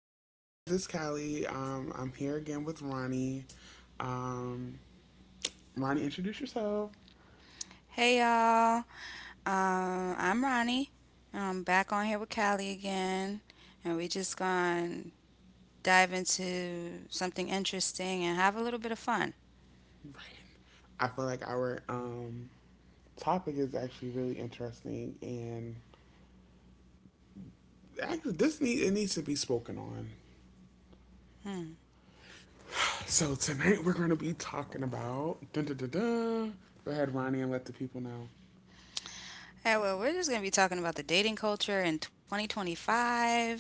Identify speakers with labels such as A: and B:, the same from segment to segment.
A: Hey guys, it's Callie. I'm here again with Ronnie. Um, Ronnie, introduce yourself.
B: Hey y'all, I'm Ronnie, and I'm back on here with Callie again, and we just gonna dive into something interesting and have a little bit of fun.
A: Right. I feel like our topic is actually really interesting, and actually this need it needs to be spoken on. So tonight we're going to be talking about dun, dun, dun, dun. Go ahead, Ronnie, and let the people know.
B: Hey, well, we're just gonna be talking about the dating culture in 2025.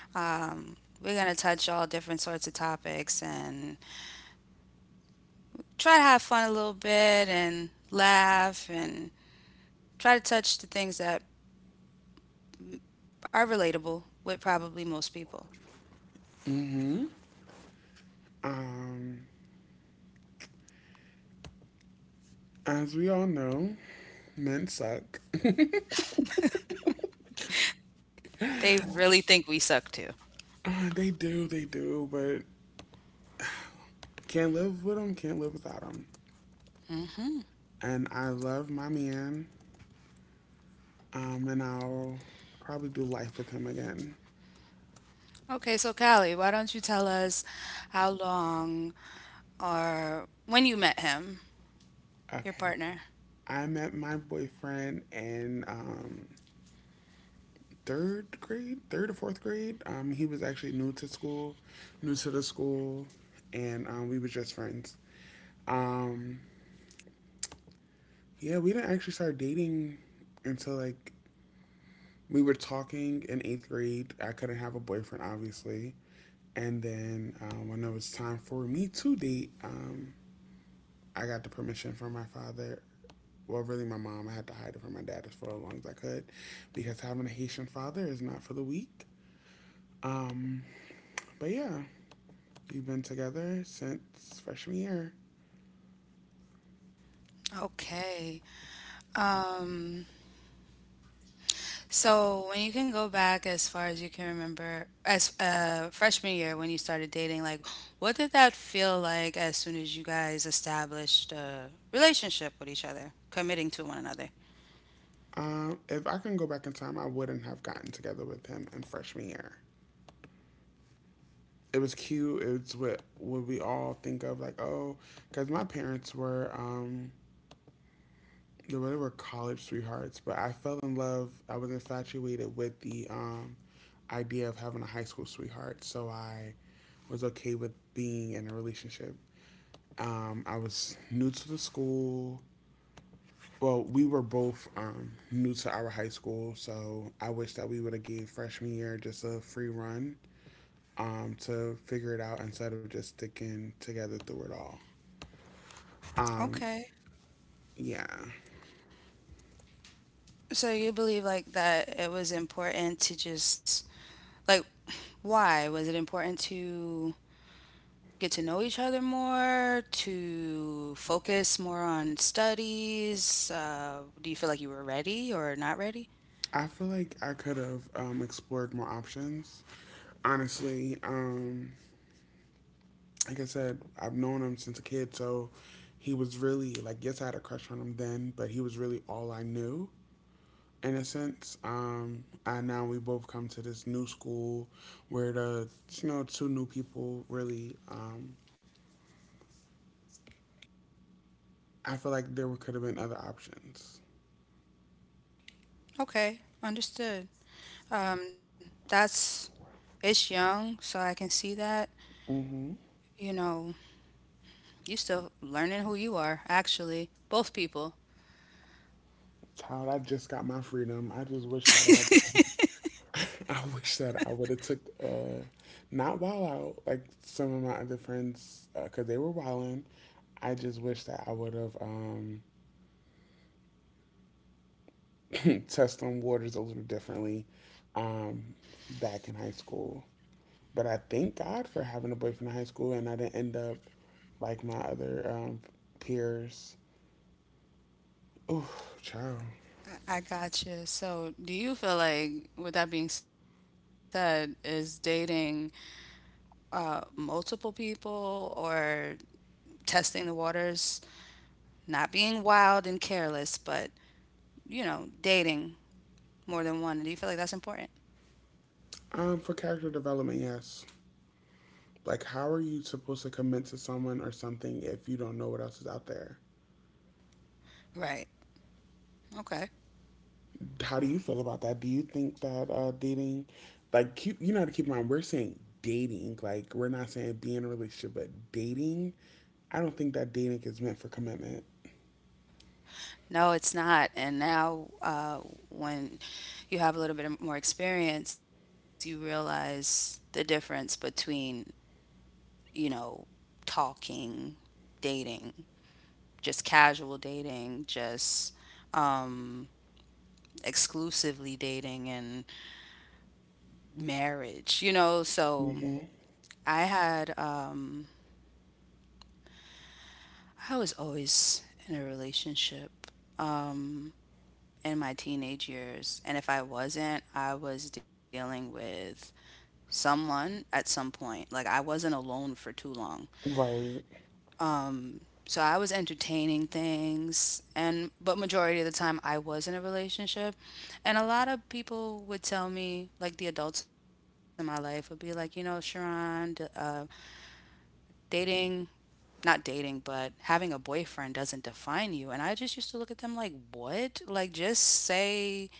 B: Um, we're gonna touch all different sorts of topics and try to have fun a little bit and laugh and try to touch the things that are relatable with probably most people.
A: Um, as we all know, men suck.
B: They really think we suck too.
A: They do, but can't live with him, can't live without him. And I love my man, and I'll probably do life with him again.
B: Okay, so Callie, why don't you tell us how long or when you met him, your
A: Okay.
B: partner?
A: I met my boyfriend in third grade, third or fourth grade. He was actually new to school, new to the school, and we were just friends. Um, yeah, we didn't actually start dating until like we were talking in eighth grade. I couldn't have a boyfriend, obviously. And then when it was time for me to date, I got the permission from my father. Well, really, my mom. I had to hide it from my dad as for as long as I could, because having a Haitian father is not for the weak. Um, but yeah, we've been together since freshman year.
B: Okay. Um, so when you can go back as far as you can remember, as freshman year when you started dating, like what did that feel like as soon as you guys established a relationship with each other, committing to one another?
A: If I can go back in time, I wouldn't have gotten together with him in freshman year. It was cute. It's what we all think of, like, oh, because my parents were they were college sweethearts, but I fell in love. I was infatuated with the idea of having a high school sweetheart, so I was okay with being in a relationship. I was new to the school. Well, we were both new to our high school, so I wish that we would have gave freshman year just a free run, to figure it out instead of just sticking together through it all. Um,
B: Okay.
A: yeah,
B: So you believe like that it was important to just like why was it important to get to know each other more, to focus more on studies? Do you feel like you were ready or not ready?
A: I feel like I could have explored more options. Honestly, like I said, I've known him since a kid, so he was really like, yes, I had a crush on him then, but he was really all I knew in a sense. And now we both come to this new school where the, you know, two new people really. I feel like there could have been other options.
B: Okay, understood. That's it's young, so I can see that.
A: Mm-hmm.
B: You know, you still learning who you are, actually. Both people.
A: Child, I just got my freedom. I just wish that I, I wish that I would have took not wild out like some of my other friends because they were wilding. I just wish that I would have tested them waters a little differently, um, back in high school. But I thank God for having a boyfriend in high school and I didn't end up like my other peers. Ooh, child.
B: I gotcha. So, do you feel like, with that being said, is dating multiple people or testing the waters? Not being wild and careless, but, you know, dating more than one. Do you feel like that's important?
A: For character development, yes. Like, how are you supposed to commit to someone or something if you don't know what else is out there?
B: Right. Okay.
A: How do you feel about that? Do you think that dating, like, keep, you know, how to keep in mind, we're saying dating, like, we're not saying be in a relationship, but dating, I don't think that dating is meant for commitment.
B: No, it's not. And now, when you have a little bit more experience, you realize the difference between, you know, talking, dating, just casual dating, just um, exclusively dating, and marriage, you know? So
A: Hmm.
B: I had. I was always in a relationship um, in my teenage years. And if I wasn't, I was dealing with someone at some point. Like, I wasn't alone for too long.
A: Right.
B: Um, so I was entertaining things, and but majority of the time I was in a relationship, and a lot of people would tell me, like the adults in my life would be like, you know, Sharon, dating, not dating, but having a boyfriend doesn't define you. And I just used to look at them like, what? Like, just say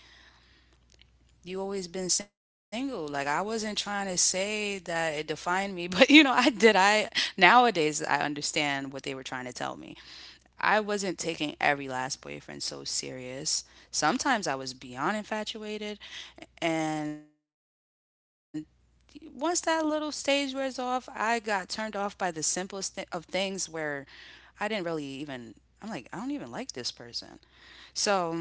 B: you always been single. Like, I wasn't trying to say that it defined me, but you know, I did. I nowadays I understand what they were trying to tell me. I wasn't taking every last boyfriend so serious. Sometimes I was beyond infatuated, and once that little stage wears off, I got turned off by the simplest of things where I didn't really even, I'm like, I don't even like this person. So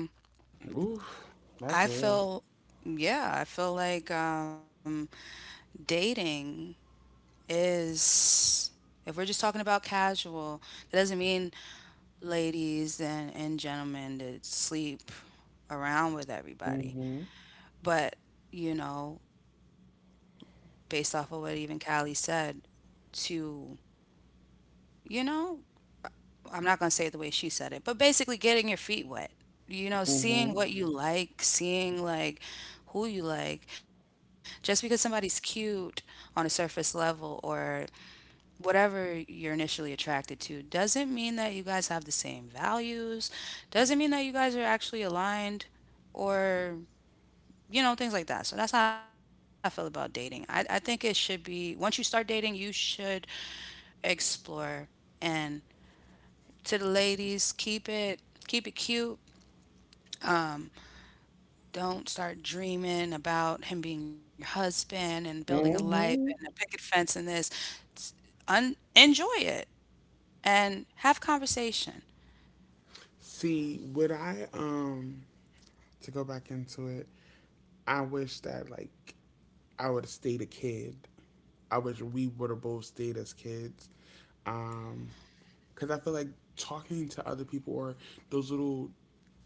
A: Oof, that's
B: I
A: real.
B: feel, yeah, I feel like dating is, if we're just talking about casual, that doesn't mean ladies and gentlemen that sleep around with everybody.
A: Hmm.
B: But, you know, based off of what even Callie said, to you know, I'm not going to say it the way she said it, but basically getting your feet wet, you know,
A: Hmm.
B: seeing what you like, seeing like who you like. Just because somebody's cute on a surface level or whatever you're initially attracted to doesn't mean that you guys have the same values, doesn't mean that you guys are actually aligned or you know things like that, so that's how I feel about dating. I think it should be once you start dating you should explore and. To the ladies, keep it cute. Don't start dreaming about him being your husband and building a life and
A: Hmm.
B: a picket fence and this. It's- enjoy it and have conversation.
A: See, would I to go back into it, I wish that like I would have stayed a kid. I wish we would have both stayed as kids. Um, because I feel like talking to other people or those little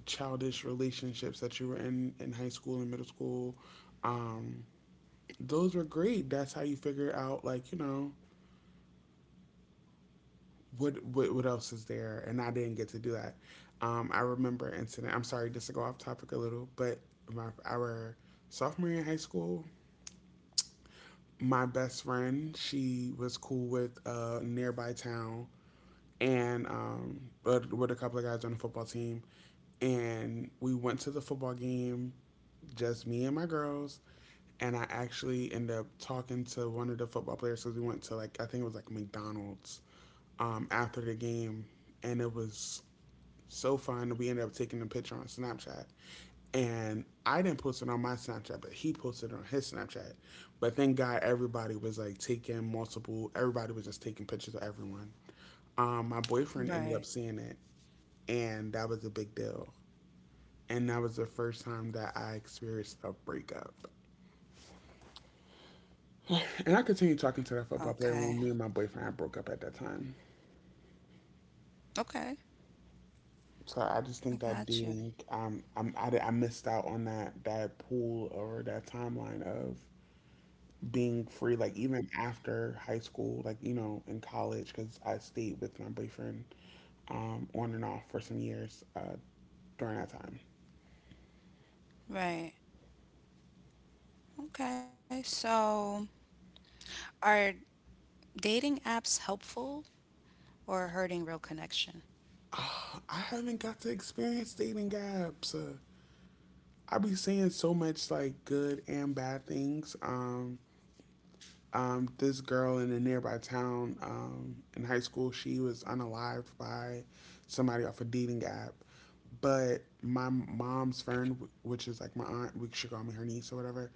A: childish relationships that you were in high school and middle school, um, those were great. That's how you figure out, like, you know, what else is there? And I didn't get to do that. I remember an incident. I'm sorry, just to go off topic a little, but my our sophomore year in high school, my best friend, she was cool with a nearby town and but with a couple of guys on the football team, and we went to the football game, just me and my girls, and I actually ended up talking to one of the football players because we went to like, I think it was like McDonald's, after the game, and it was so fun. We ended up taking a picture on Snapchat, and I didn't post it on my Snapchat, but he posted it on his Snapchat. But thank God everybody was like taking multiple. Everybody was just taking pictures of everyone. My
B: Right.
A: boyfriend ended up seeing it, and that was a big deal. And that was the first time that I experienced a breakup. And I continued
B: Okay.
A: talking to that football player when me and my boyfriend had broke up at that time.
B: Okay. I
A: So I
B: got
A: just
B: you.
A: think that dating, I missed out on that pool or that timeline of being free. Like even after high school, like, you know, in college, because I stayed with my boyfriend on and off for some years during that time.
B: Right. Okay. So, are dating apps helpful or hurting real connection?
A: Oh, I haven't got to experience dating apps. I be seeing so much like good and bad things. This girl in a nearby town in high school, she was unalived by somebody off a dating app. But my mom's friend, which is like my aunt, we should call me her niece or whatever.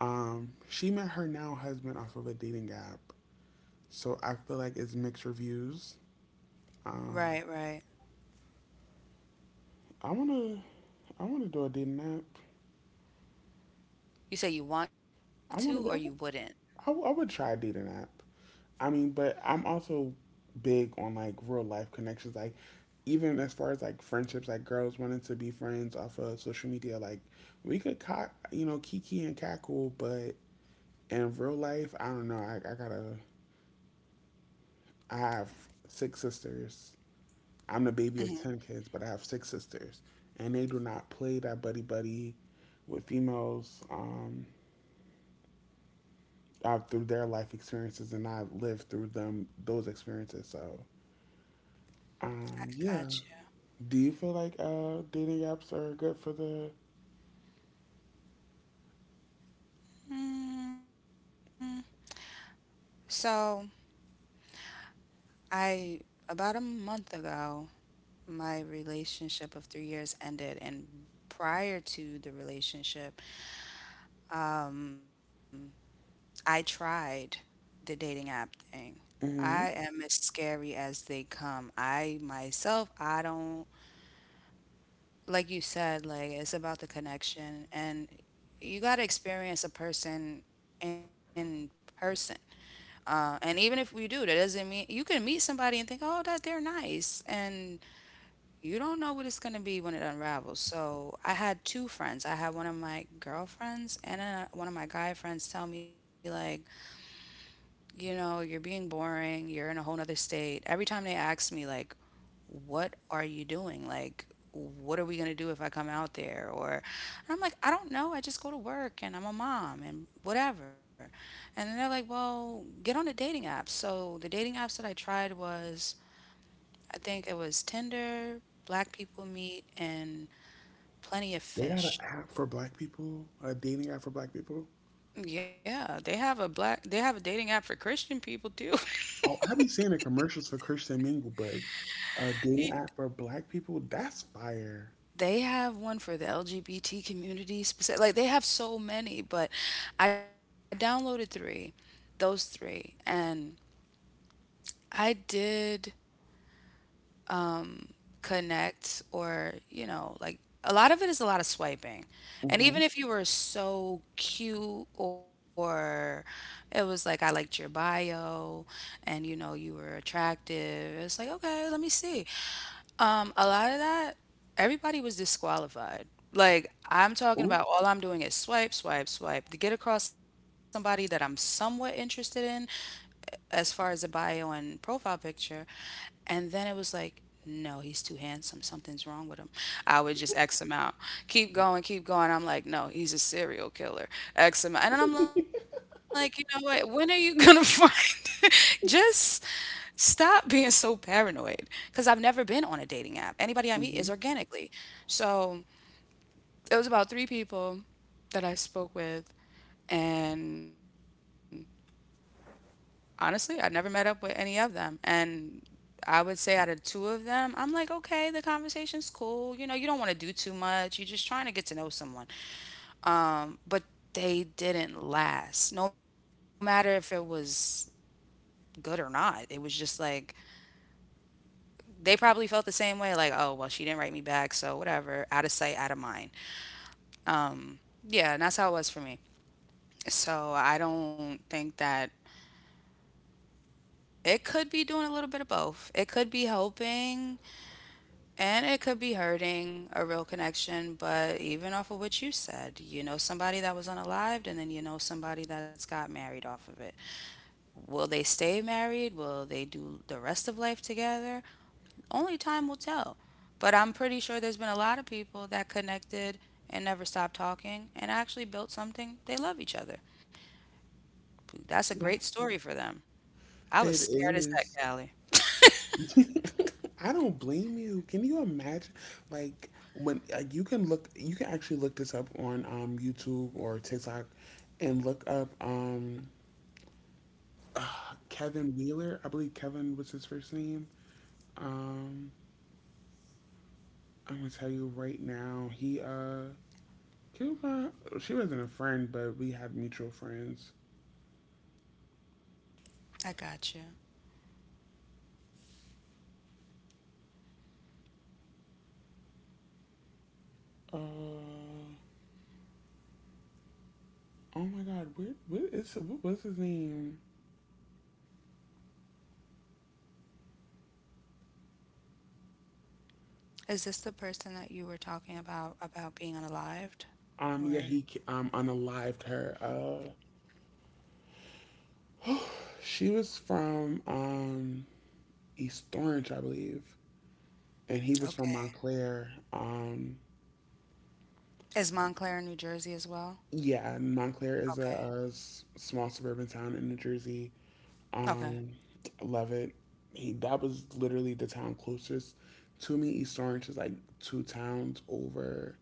A: She met her now husband off of a dating app. So I feel like it's mixed reviews.
B: Right,
A: Um,
B: right.
A: I wanna, I wanna do a dating app.
B: You say you want to or you
A: I want to
B: wouldn't.
A: go. I would try dating app. I mean, but I'm also big on like real life connections. Like, even as far as like friendships, like girls wanting to be friends off of social media, like we could, co- you know, kiki and cackle, but in real life, I don't know. I have six sisters. I'm the
B: Hmm.
A: baby of 10 kids, but I have six sisters. And they do not play that buddy buddy with females. Through their life experiences and I lived through them those experiences.
B: I
A: Yeah.
B: got you.
A: Do you feel like dating apps are good for the?
B: Mm, so I, about a month ago, my relationship of 3 years ended. And prior to the relationship, um, I tried the dating app thing. I
A: Hmm.
B: am as scary as they come. I myself, I don't, like you said, like it's about the connection and you got to experience a person in person. And even if we do, that doesn't mean you can meet somebody and think, oh, that they're nice. And you don't know what it's going to be when it unravels. So I had two friends. I had one of my girlfriends and one of my guy friends tell me, like, you know, you're being boring. You're in a whole nother state. Every time they ask me, like, what are you doing? Like, what are we going to do if I come out there? Or and I'm like, I don't know. I just go to work and I'm a mom and whatever. And then they're like, well, get on the dating apps. So the dating apps that I tried was, I think it was Tinder, Black People Meet, and Plenty of
A: They got an
B: fish.
A: app for Black people, a dating app for Black people.
B: Yeah, they have a black they have a dating app for Christian people too.
A: Oh, I be seeing the commercials for Christian Mingle, but a
B: Y-
A: dating app for Black people, that's fire.
B: They have one for the LGBT community specific. Like they have so many, but I downloaded three, those three, and I did connect or, you know, like a lot of it is a lot of swiping. And
A: Mm-hmm.
B: even if you were so cute or it was like I liked your bio and you know you were attractive, it's like, okay, let me see. A lot of that, everybody was disqualified. Like, I'm talking
A: Ooh.
B: about all I'm doing is swipe, swipe, swipe to get across somebody that I'm somewhat interested in as far as a bio and profile picture. And then it was like, no, he's too handsome. Something's wrong with him. I would just X him out. Keep going, keep going. I'm like, no, he's a serial killer. X him out. And then I'm like, you know what? When are you going to find just stop being so paranoid, because I've never been on a dating app. Anybody I meet is
A: Mm-hmm.
B: organically. So it was about three people that I spoke with, and honestly, I never met up with any of them. And I would say out of two of them, I'm like, okay, the conversation's cool. You know, you don't want to do too much. You're just trying to get to know someone. But they didn't last. No matter if it was good or not. It was just like they probably felt the same way, like, oh well she didn't write me back, so whatever. Out of sight, out of mind. Um, yeah, and that's how it was for me. So I don't think that it could be doing a little bit of both. It could be helping, and it could be hurting a real connection, but even off of what you said, you know somebody that was unalived, and then you know somebody that's got married off of it. Will they stay married? Will they do the rest of life together? Only time will tell. But I'm pretty sure there's been a lot of people that connected and never stopped talking and actually built something. They love each other. That's a great story for them. I was
A: It
B: scared as heck,
A: is.
B: Callie.
A: I don't blame you. Can you imagine? Like when like you can look, you can actually look this up on YouTube or TikTok, and look up uh, Kevin Wheeler. I believe Kevin was his first name. Um, I'm gonna tell you right now. He killed my. She wasn't a friend, but we had mutual friends.
B: I got you.
A: Uh, oh my God. Where what was his name?
B: Is this the person that you were talking about being unalived?
A: Yeah,
B: Or
A: he ki- unalived her. She was from East Orange, I believe, and he was from
B: okay.
A: Montclair.
B: Is Montclair, New Jersey as well?
A: Yeah, Montclair is a,
B: Okay.
A: a s- small suburban town in New Jersey.
B: Okay.
A: Um, love it. He that was literally the town closest to me. East Orange is like two towns over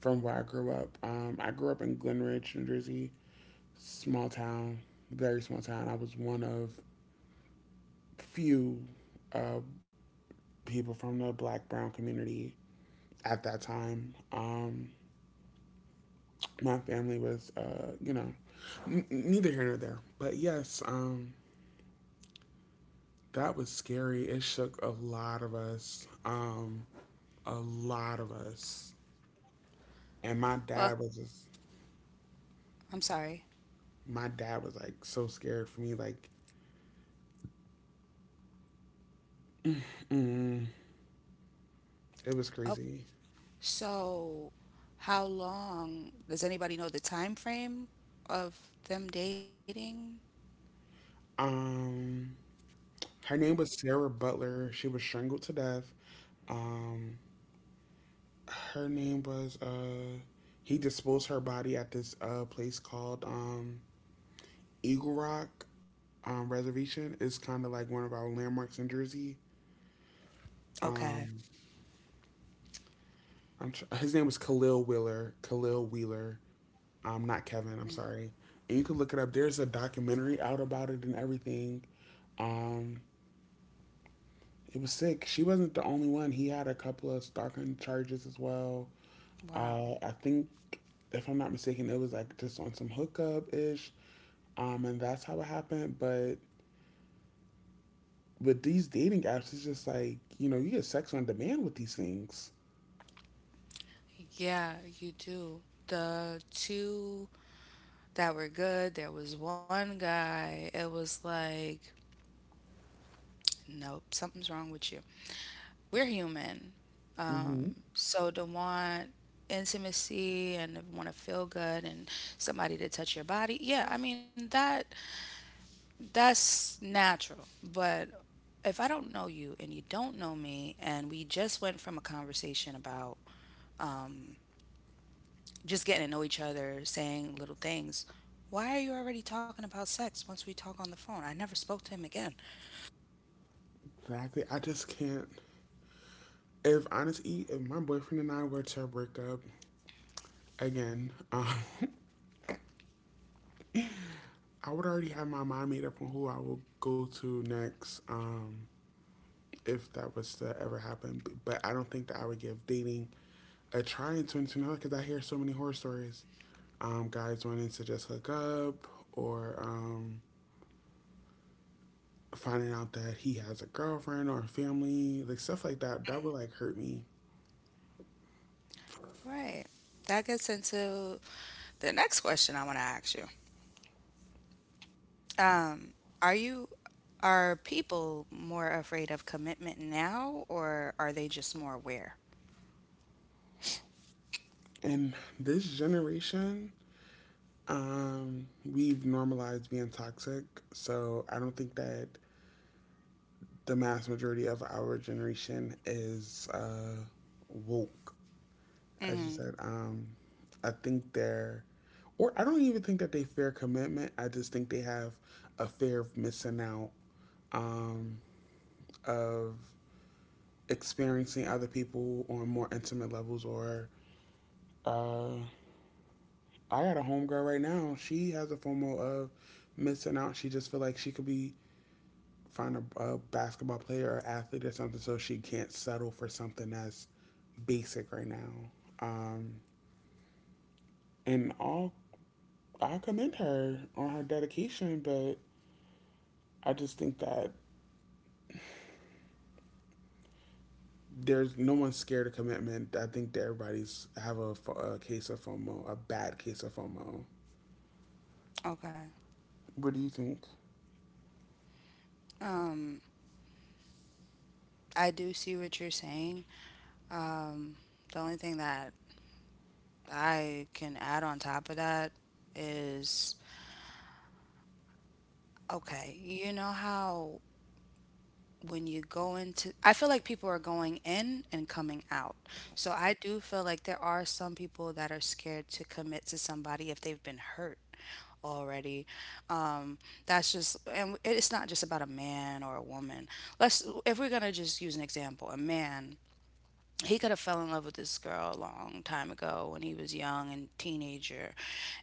A: from where I grew up. I grew up in Glen Ridge, New Jersey, small town, very small town. I was one of few uh, people from the Black Brown community at that time. My family was, you know, n- neither here nor there. But yes, that was scary. It shook a lot of us, a lot of us. And my
B: Well,
A: dad was just,
B: I'm sorry.
A: my dad was like so scared for me. Like, mm, it was
B: Oh,
A: crazy.
B: so how long does anybody know the time frame of them dating?
A: Um, her name was Sarah Butler. She was strangled to death. Um, her name was he disposed her body at this place called Eagle Rock Reservation, is kind of like one of our landmarks in Jersey.
B: Okay.
A: Um, his name was Khalil Wheeler. Khalil Wheeler. Not Kevin. I'm
B: Mm.
A: sorry. And you can look it up. There's a documentary out about it and everything. Um, it was sick. She wasn't the only one. He had a couple of stalking charges as well.
B: Wow.
A: I think, if I'm not mistaken, it was like just on some hookup ish. And that's how it happened. But these dating apps, it's just like, you know, you get sex on demand with these things.
B: Yeah, you do. The two that were good, there was one guy. It was like, nope, something's wrong with you. We're human. Um,
A: Hmm.
B: so to want intimacy and to want to feel good and somebody to touch your body, yeah, I mean that that's natural. But if I don't know you and you don't know me, and we just went from a conversation about um, just getting to know each other, saying little things, why are you already talking about sex once we talk on the phone? I never spoke to him again.
A: Exactly. I just can't. If honestly, if my boyfriend and I were to break up again, I would already have my mind made up on who I will go to next, if that was to ever happen. B- but I don't think that I would give dating a try in 2021 because I hear so many horror stories. Guys wanting to just hook up or finding out that he has a girlfriend or a family, like stuff like that, that would like hurt me.
B: Right. That gets into the next question I want to ask you. Um, are you Are people more afraid of commitment now, or are they just more aware?
A: And this generation, we've normalized being toxic. So I don't think that the mass majority of our generation is woke, as you
B: Mm,
A: said. I think they're, or I don't even think that they fear commitment. I just think they have a fear of missing out, um, of experiencing other people on more intimate levels. Or uh, I got a homegirl right now. She has a FOMO of missing out. She just feel like she could be find a basketball player or athlete or something, so she can't settle for something that's basic right now. Um, and all I commend her on her dedication, but I just think that there's no one's scared of commitment. I think that everybody's have a case of FOMO, a bad case of FOMO.
B: okay.
A: What do you think?
B: Um, I do see what you're saying. Um, the only thing that I can add on top of that is okay, you know how when you go into I feel like people are going in and coming out. So I do feel like there are some people that are scared to commit to somebody if they've been hurt already. Um, that's just and it's not just about a man or a woman. Let's if we're going to just use an example, a man he could have fell in love with this girl a long time ago when he was young and teenager,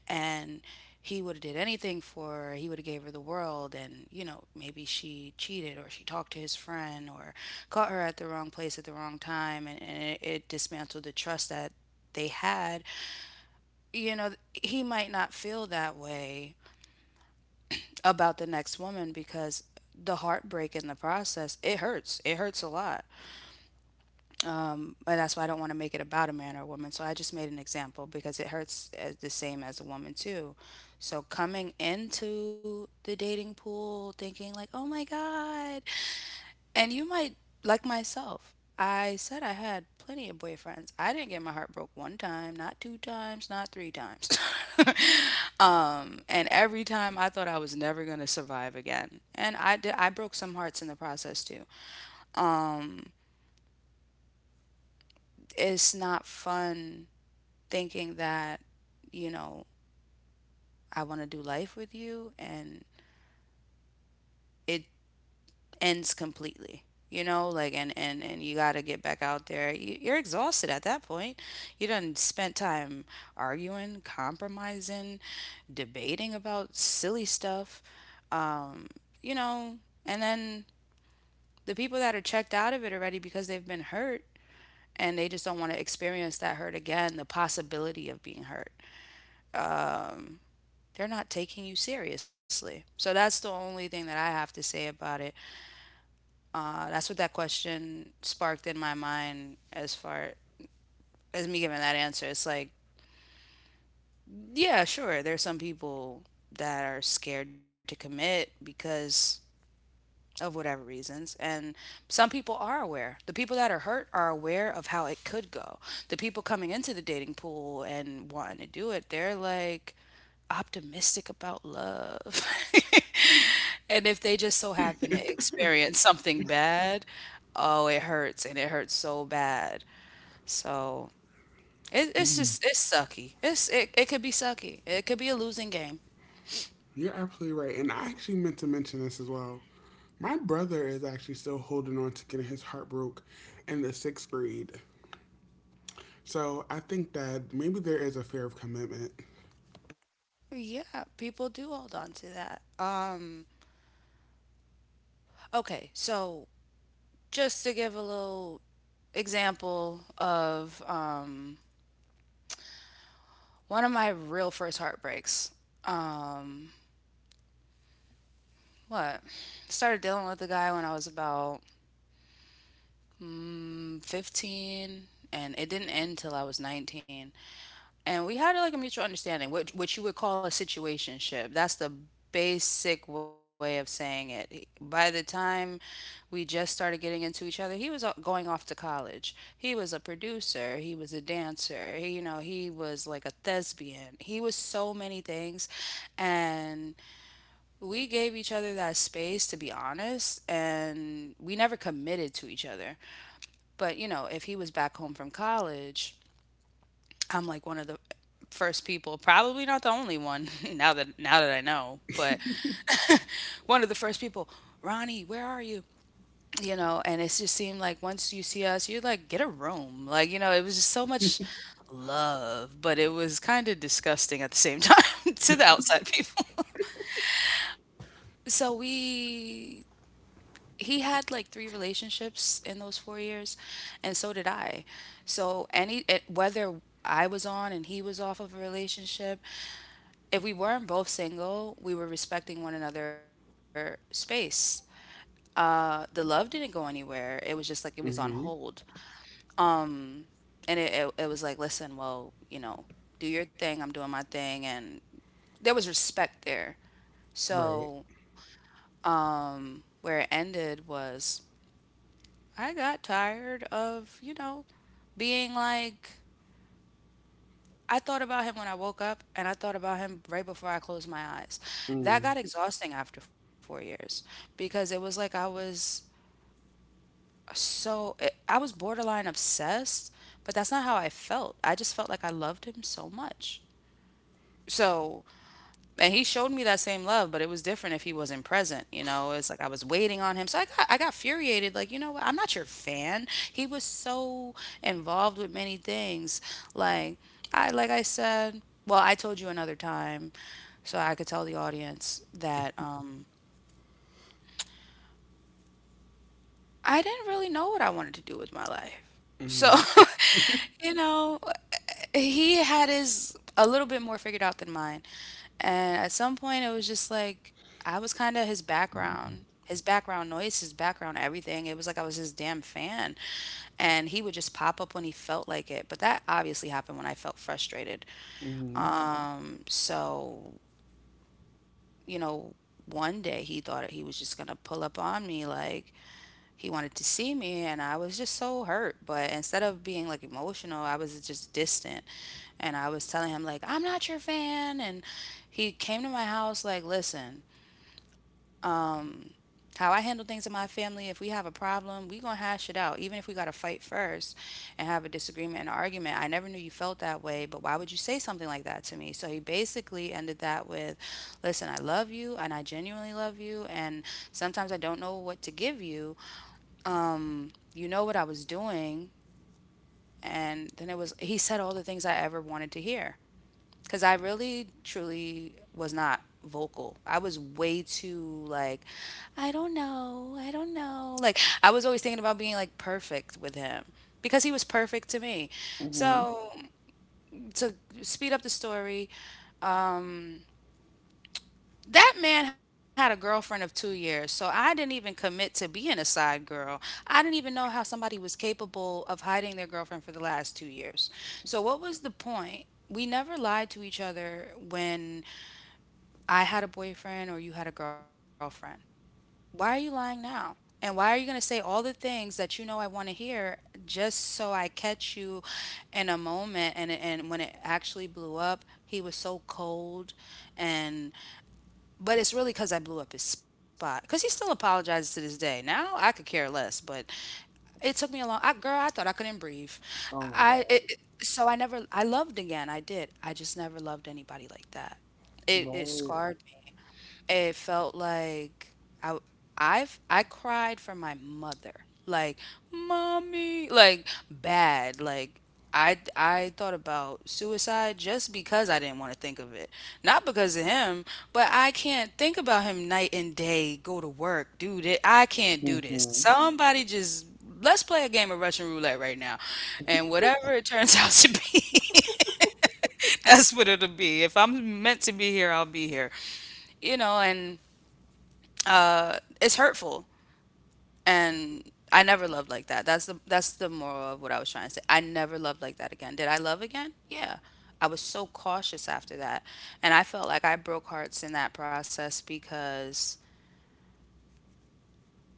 B: and he would have did anything for her. He would have gave her the world, and you know maybe she cheated or she talked to his friend or caught her at the wrong place at the wrong time, and it dismantled the trust that they had. You know, he might not feel that way about the next woman because the heartbreak in the process, it hurts, it hurts a lot. But that's why I don't want to make it about a man or a woman. So I just made an example because it hurts as the same as a woman too. So coming into the dating pool thinking like, "Oh my god." And you might, like myself. I said I had plenty of boyfriends. I didn't get my heart broke one time, not two times, not three times. And every time I thought I was never going to survive again. And I did, I broke some hearts in the process too. It's not fun thinking that, you know, I want to do life with you and it ends completely. You know, like and you got to get back out there. You're exhausted at that point. You done spent time arguing, compromising, debating about silly stuff. Um, you know, and then the people that are checked out of it already because they've been hurt and they just don't want to experience that hurt again, the possibility of being hurt. They're not taking you seriously. So that's the only thing that I have to say about it. That's what that question sparked in my mind as far as me giving that answer. It's like, yeah, sure, there's some people that are scared to commit because of whatever reasons. And some people are aware. The people that are hurt are aware of how it could go. The people coming into the dating pool and wanting to do it, they're like optimistic about love. And if they just so happen to experience something bad, oh, it hurts and it hurts so bad. So it's just, it's sucky. It's, it could be sucky. It could be a losing game.
A: You're absolutely right. And I actually meant to mention this as well. My brother is actually still holding on to getting his heart broke in the sixth grade. So I think that maybe there is a fear of commitment.
B: Yeah, people do hold on to that. Okay, so just to give a little example of one of my real first heartbreaks. Um, what? Started dealing with the guy when I was about 15, and it didn't end till I was 19. And we had like a mutual understanding, which you would call a situationship. That's the basic way of saying it. By the time we just started getting into each other, he was going off to college. He was a producer, he was a dancer, he, you know, he was like a thespian. He was so many things, and we gave each other that space to be honest, and we never committed to each other. But, you know, if he was back home from college, I'm like one of the first people, probably not the only one now that I know, but one of the first people, Ronnie, where are you? You know, and it just seemed like once you see us, you're like, get a room. Like, you know, it was just so much love, but it was kind of disgusting at the same time to the outside people. So we he had like three relationships in those 4 years, and so did I. So any it, whether I was on and he was off of a relationship, if we weren't both single, we were respecting one another space. The love didn't go anywhere. It was just like it was on hold.
A: Hmm
B: Um, and it was like, listen, well, you know, do your thing. I'm doing my thing, and there was respect there.
A: Right.
B: So where it ended was I got tired of, you know, being like, I thought about him when I woke up and I thought about him right before I closed my eyes. That got
A: Mm.
B: exhausting after 4 years because it was like I was I was borderline obsessed, but that's not how I felt. I just felt like I loved him so much. So and he showed me that same love, but it was different if he wasn't present. You know, it's like I was waiting on him. So I got furiated. Like, you know what? I'm not your fan. He was so involved with many things. Like like I said, well, I told you another time, so I could tell the audience that I didn't really know what I wanted to do with my life. So,
A: Mm. hmm
B: you know, he had his a little bit more figured out than mine. And at some point, it was just like I was kind of his background noise, his background everything. It was like I was his damn fan. And he would just pop up when he felt like it. But that obviously happened when I felt frustrated.
A: hmm
B: So, you know, one day he thought he was just gonna pull up on me like, he wanted to see me and I was just so hurt. But instead of being like emotional, I was just distant, and I was telling him like, "I'm not your fan." And he came to my house like, "Listen, how I handle things in my family, if we have a problem, we going to hash it out even if we got to fight first and have a disagreement and argument. I never knew you felt that way, but why would you say something like that to me?" So he basically ended that with, "Listen, I love you and I genuinely love you, and sometimes I don't know what to give you." You know what I was doing. And then it was, he said all the things I ever wanted to hear. Cause I really, truly was not vocal. I was way too like, I don't know. I don't know. Like, I was always thinking about being like perfect with him because he was perfect to me.
A: hmm
B: So, to speed up the story, that man had a girlfriend of 2 years, so I didn't even commit to being a side girl. I didn't even know how somebody was capable of hiding their girlfriend for the last 2 years. So, what was the point? We never lied to each other when I had a boyfriend or you had a girlfriend. Why are you lying now? And why are you going to say all the things that you know I want to hear just so I catch you in a moment? And when it actually blew up, he was so cold, and but it's really because I blew up his spot. Because he still apologizes to this day. Now I could care less, but it took me a long. I, girl, I thought I couldn't breathe.
A: Oh my
B: I it,
A: God.
B: it- so I never. I loved again. I did. I just never loved anybody like that. It
A: Right.
B: scarred me, it felt like I I cried for my mother. Like, mommy, like bad. Like I thought about suicide just because I didn't want to think of it. Not because of him, but I can't think about him night and day, go to work, do that. I can't do this.
A: hmm
B: Somebody just let's play a game of Russian roulette right now. And whatever it turns out to be, that's what it'll be. If I'm meant to be here, I'll be here. You know, and it's hurtful, and I never loved like that. That's the moral of what I was trying to say. I never loved like that again. Did I love again? Yeah. I was so cautious after that, and I felt like I broke hearts in that process because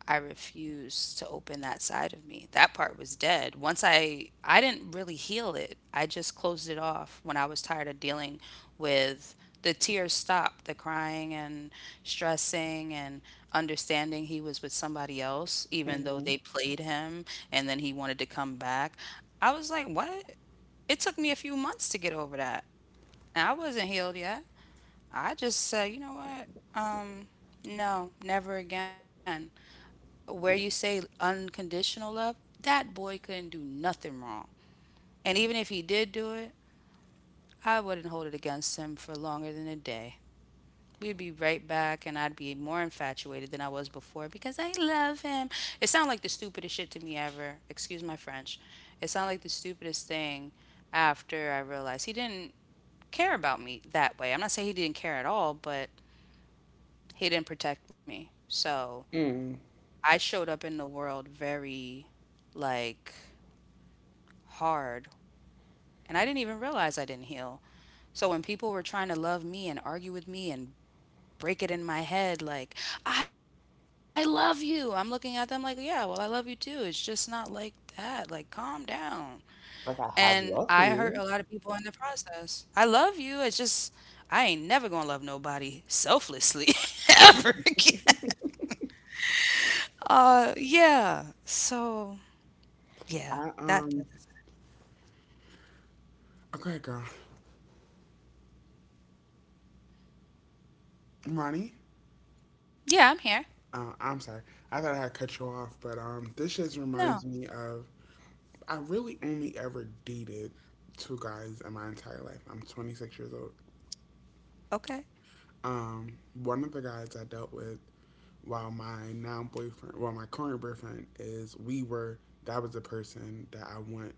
B: I refused to open that side of me. That part was dead. Once I didn't really heal it. I just closed it off when I was tired of dealing with the tears stopped, the crying and stressing and understanding he was with somebody else even though
A: hmm
B: they played him, and then he wanted to come back. I was like, "What?" It took me a few months to get over that. And I wasn't healed yet. I just said, "You know what? Um no, never again." Where you say unconditional love, that boy couldn't do nothing wrong. And even if he did do it, I wouldn't hold it against him for longer than a day. We'd be right back, and I'd be more infatuated than I was before because I love him. It sounded like the stupidest shit to me ever. Excuse my French. It sounded like the stupidest thing after I realized he didn't care about me that way. I'm not saying he didn't care at all, but he didn't protect me. So
A: Mm.
B: I showed up in the world very like hard, and I didn't even realize I didn't heal. So when people were trying to love me and argue with me and break it in my head like, I love you, I'm looking at them like, yeah, well, I love you too. It's just not like that. Like, calm down.
A: Like I
B: And
A: have
B: I hurt
A: love
B: a
A: for
B: lot of
A: you.
B: people in the process. I love you. It's just I ain't never going to love nobody selflessly ever again. Yeah. So
A: I
B: yeah,
A: um.
B: that
A: Okay, girl. Ronnie.
B: yeah, I'm here.
A: I'm sorry. I thought I had cut you off, but this just reminds
B: No.
A: me of— I really only ever dated two guys in my entire life. I'm 26 years old.
B: Okay.
A: One of the guys I dealt with while my now boyfriend, well, my current boyfriend, is— we were, that was the person that I went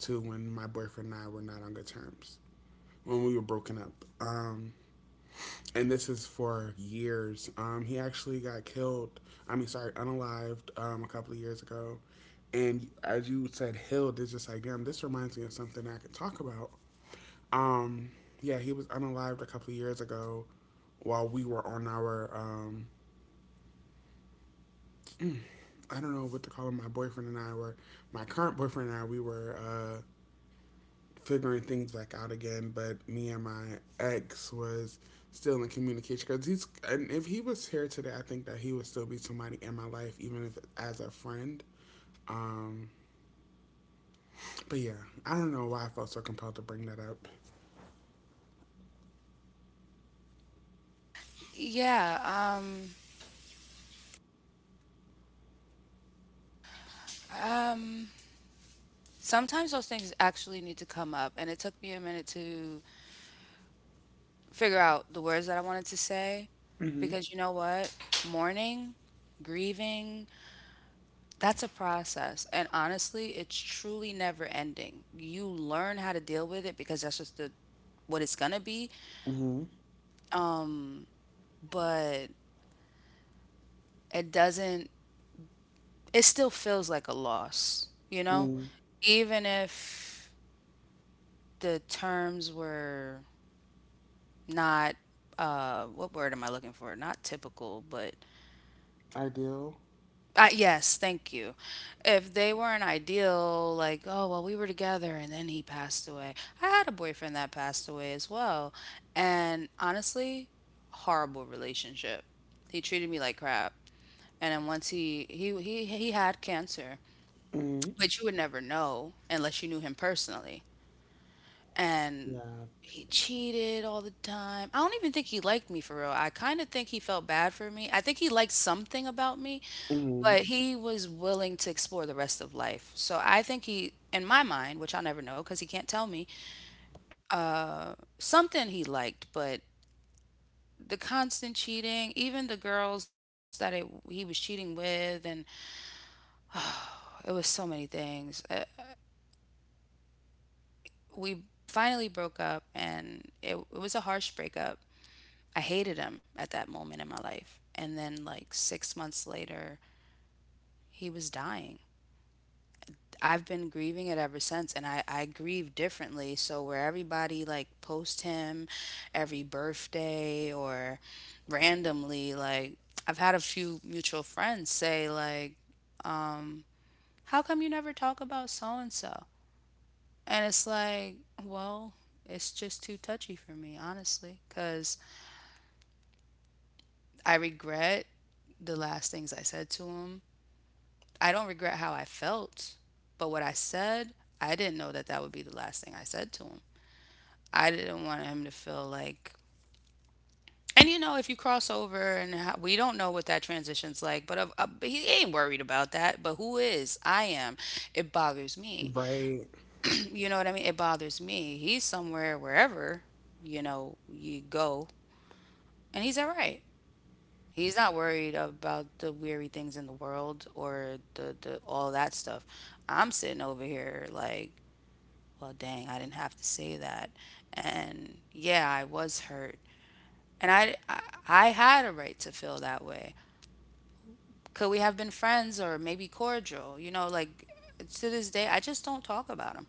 A: to when my boyfriend and I were not on good terms, when we were broken up. Um, and this is for years. He actually got killed. I mean, sorry, unalived a couple of years ago. And as you said, Hild, is just like, damn, this reminds me of something I could talk about. Um, yeah, he was unalived a couple of years ago while we were on our, I don't know what to call him, my boyfriend and I were, my current boyfriend and I, we were figuring things like out again. But me and my ex was still in communication because he's— and if he was here today, I think that he would still be somebody in my life, even if as a friend. Um, but yeah, I don't know why I felt so compelled to bring that up.
B: Yeah. Um, Sometimes those things actually need to come up, and it took me a minute to figure out the words that I wanted to say,
A: Mm-hmm.
B: because you know what? Mourning, grieving, that's a process. And honestly, it's truly never ending. You learn how to deal with it because that's just the what it's gonna be.
A: Mm-hmm.
B: Um, but it doesn't it still feels like a loss, you know?
A: Mm.
B: Even if the terms were not what word am I looking for? Not typical, but
A: Ideal.
B: yes, thank you. If they weren't ideal, like, oh, well, we were together and then he passed away. I had a boyfriend that passed away as well. And honestly, horrible relationship. He treated me like crap. And then once he had cancer,
A: Mm.
B: but you would never know unless you knew him personally. And
A: Yeah.
B: he cheated all the time. I don't even think he liked me for real. I kind of think he felt bad for me. I think he liked something about me,
A: Mm.
B: but he was willing to explore the rest of life. So I think he, in my mind, which I'll never know because he can't tell me, something he liked, but the constant cheating, even the girls that it, he was cheating with, and it was so many things. We finally broke up, and it was a harsh breakup. I hated him at that moment in my life. And then, like, six months later, he was dying. I've been grieving it ever since, and I grieve differently. So, where everybody, like, post him every birthday or randomly, like, I've had a few mutual friends say, like, um, how come you never talk about so and so? And it's like, well, it's just too touchy for me, honestly, because I regret the last things I said to him. I don't regret how I felt, but what I said, I didn't know that that would be the last thing I said to him. I didn't want him to feel like. And you know, if you cross over, and how, we don't know what that transition's like, but he ain't worried about that. But who is? I am. It bothers me.
A: Right.
B: You know what I mean? It bothers me. He's somewhere, wherever you know you go, and he's all right. He's not worried about the weary things in the world or the all that stuff. I'm sitting over here like, well, dang, I didn't have to say that. And yeah, I was hurt. And I had a right to feel that way. Could we have been friends or maybe cordial? You know, like, to this day, I just don't talk about them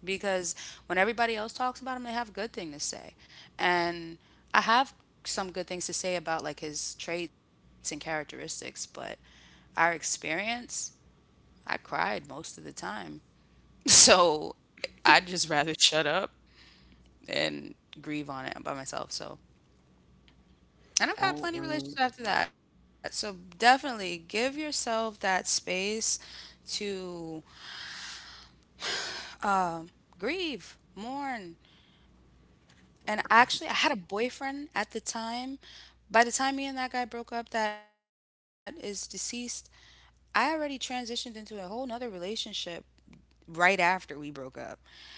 B: because when everybody else talks about him, they have good thing to say. And I have some good things to say about like his traits and characteristics, but our experience, I cried most of the time. So I'd just rather shut up and grieve on it by myself. So,
A: I
B: and I've had
A: um.
B: plenty of relationships after that. So, definitely give yourself that space to grieve, mourn. And actually, I had a boyfriend at the time. By the time me and that guy broke up, that is deceased, I already transitioned into a whole nother relationship right after we broke up.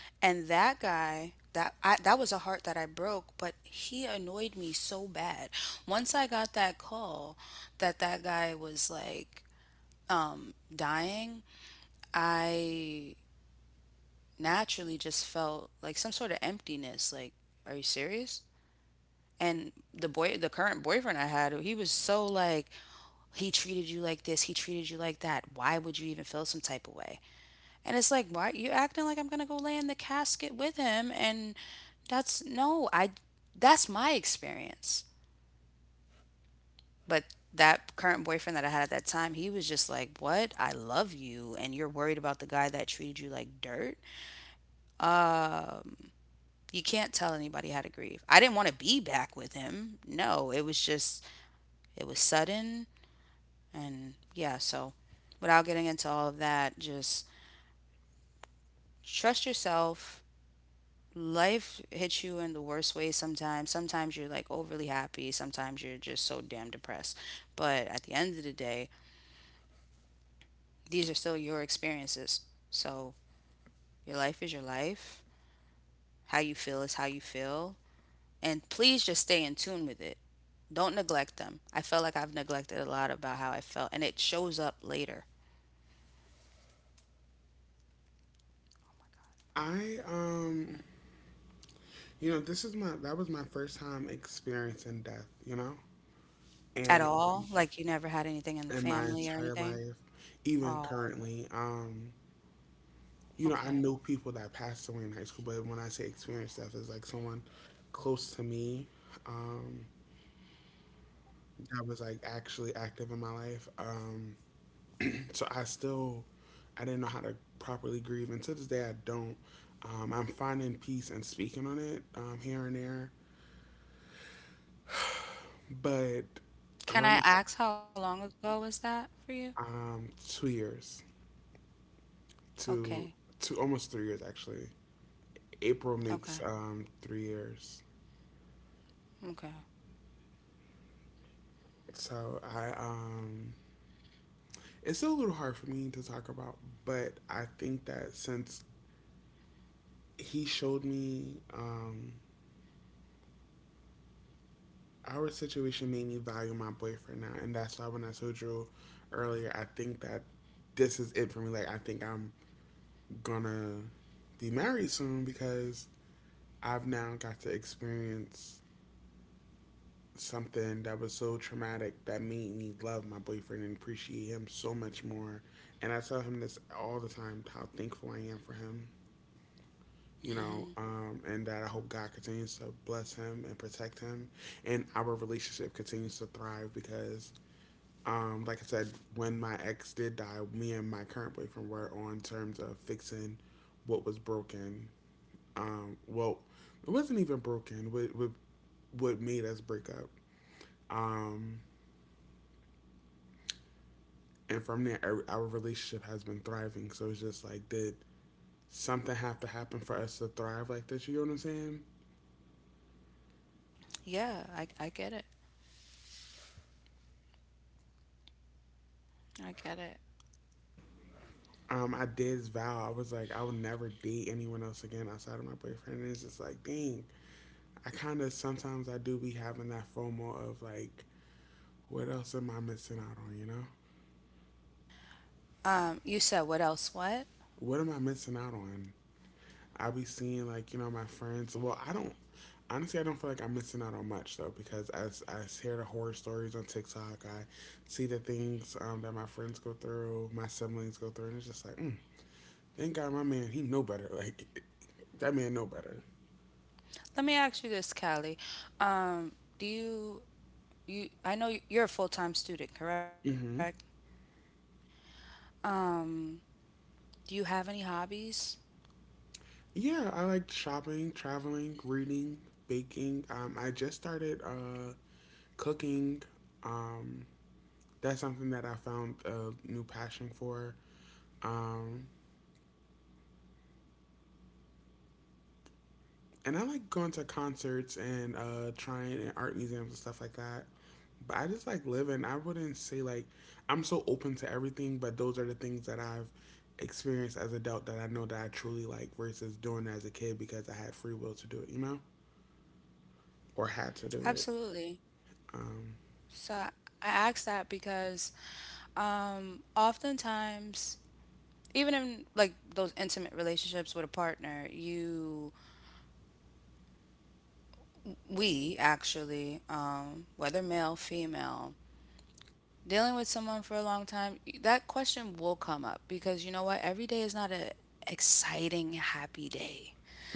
B: And that guy, that was a heart that I broke, but he annoyed me so bad. Once I got that call that that guy was like dying, I naturally just felt like some sort of emptiness, like, are you serious? And the boy, the current boyfriend I had, he was so like, he treated you like this, he treated you like that. Why would you even feel some type of way? And it's like, why you acting like I'm gonna go lay in the casket with him? And that's no, I that's my experience. But that current boyfriend that I had at that time, he was just like, what? I love you and you're worried about the guy that treated you like dirt? Um, you can't tell anybody how to grieve. I didn't want to be back with him. No, it was just it was sudden and yeah, so without getting into all of that, just trust yourself. Life hits you in the worst way sometimes. Sometimes you're like overly happy, sometimes you're just so damn depressed. But at the end of the day, these are still your experiences. So your life is your life. How you feel is how you feel. And please just stay in tune with it. Don't neglect them. I felt like I've neglected a lot about how I felt, and it shows up later.
A: I. You know, this is my— that was my first time experiencing death. You know, and
B: At all? Like you never had anything in the
A: in my
B: family or
A: entire
B: anything?
A: life, even
B: Oh,
A: currently. You know, I
B: okay.
A: know people that passed away in high school, but when I say experienced death, it's like someone close to me, um, that was like actually active in my life. So I still, I didn't know how to properly grieve, and to this day I don't. I'm finding peace and speaking on it here and there, but,
B: Can I
A: honest,
B: ask how long ago was that for you?
A: 2 years
B: Okay.
A: to to almost 3 years actually. April
B: Okay.
A: makes 3 years.
B: Okay.
A: So I, it's still a little hard for me to talk about, but I think that since he showed me, our situation made me value my boyfriend now, and that's why when I told you earlier, I think that this is it for me. Like I think I'm gonna be married soon because I've now got to experience something that was so traumatic that made me love my boyfriend and appreciate him so much more. And I tell him this all the time, how thankful I am for him. You know, and that I hope God continues to bless him and protect him, and our relationship continues to thrive because, like I said, when my ex did die, me and my current boyfriend were on terms of fixing what was broken. Well, it wasn't even broken. What what made us break up? Um, and from there, our relationship has been thriving. So it's just like, did something have to happen for us to thrive like this? You know what I'm saying?
B: Yeah, I get it. I get it.
A: Um, I did vow. I was like, I would never date anyone else again outside of my boyfriend. And it's just like, dang, I kind of sometimes I do be having that FOMO of like, what else am I missing out on? You know,
B: You said what else? What?
A: what am I missing out on? I be seeing like, you know, my friends. Well, I don't, honestly. I don't feel like I'm missing out on much though, because as I hear the horror stories on TikTok, I see the things that my friends go through, my siblings go through, and it's just like, mm, thank God my man, he know better. Like, that man know better.
B: Let me ask you this, Callie. Um, do you you I know you're a full-time student, correct?
A: Mm-hmm.
B: Um, do you have any hobbies?
A: Yeah, I like shopping, traveling, reading, baking. I just started cooking. Um, that's something that I found a new passion for. Um, and I like going to concerts and trying in art museums and stuff like that. But I just like living. I wouldn't say like I'm so open to everything, but those are the things that I've experienced as adult that I know that I truly like versus doing it as a kid because I had free will to do it, you know, or had to do
B: Absolutely.
A: it.
B: So I ask that because oftentimes, even in like those intimate relationships with a partner, you, we actually, whether male, female, dealing with someone for a long time, that question will come up because you know what? Every day is not a exciting, happy day.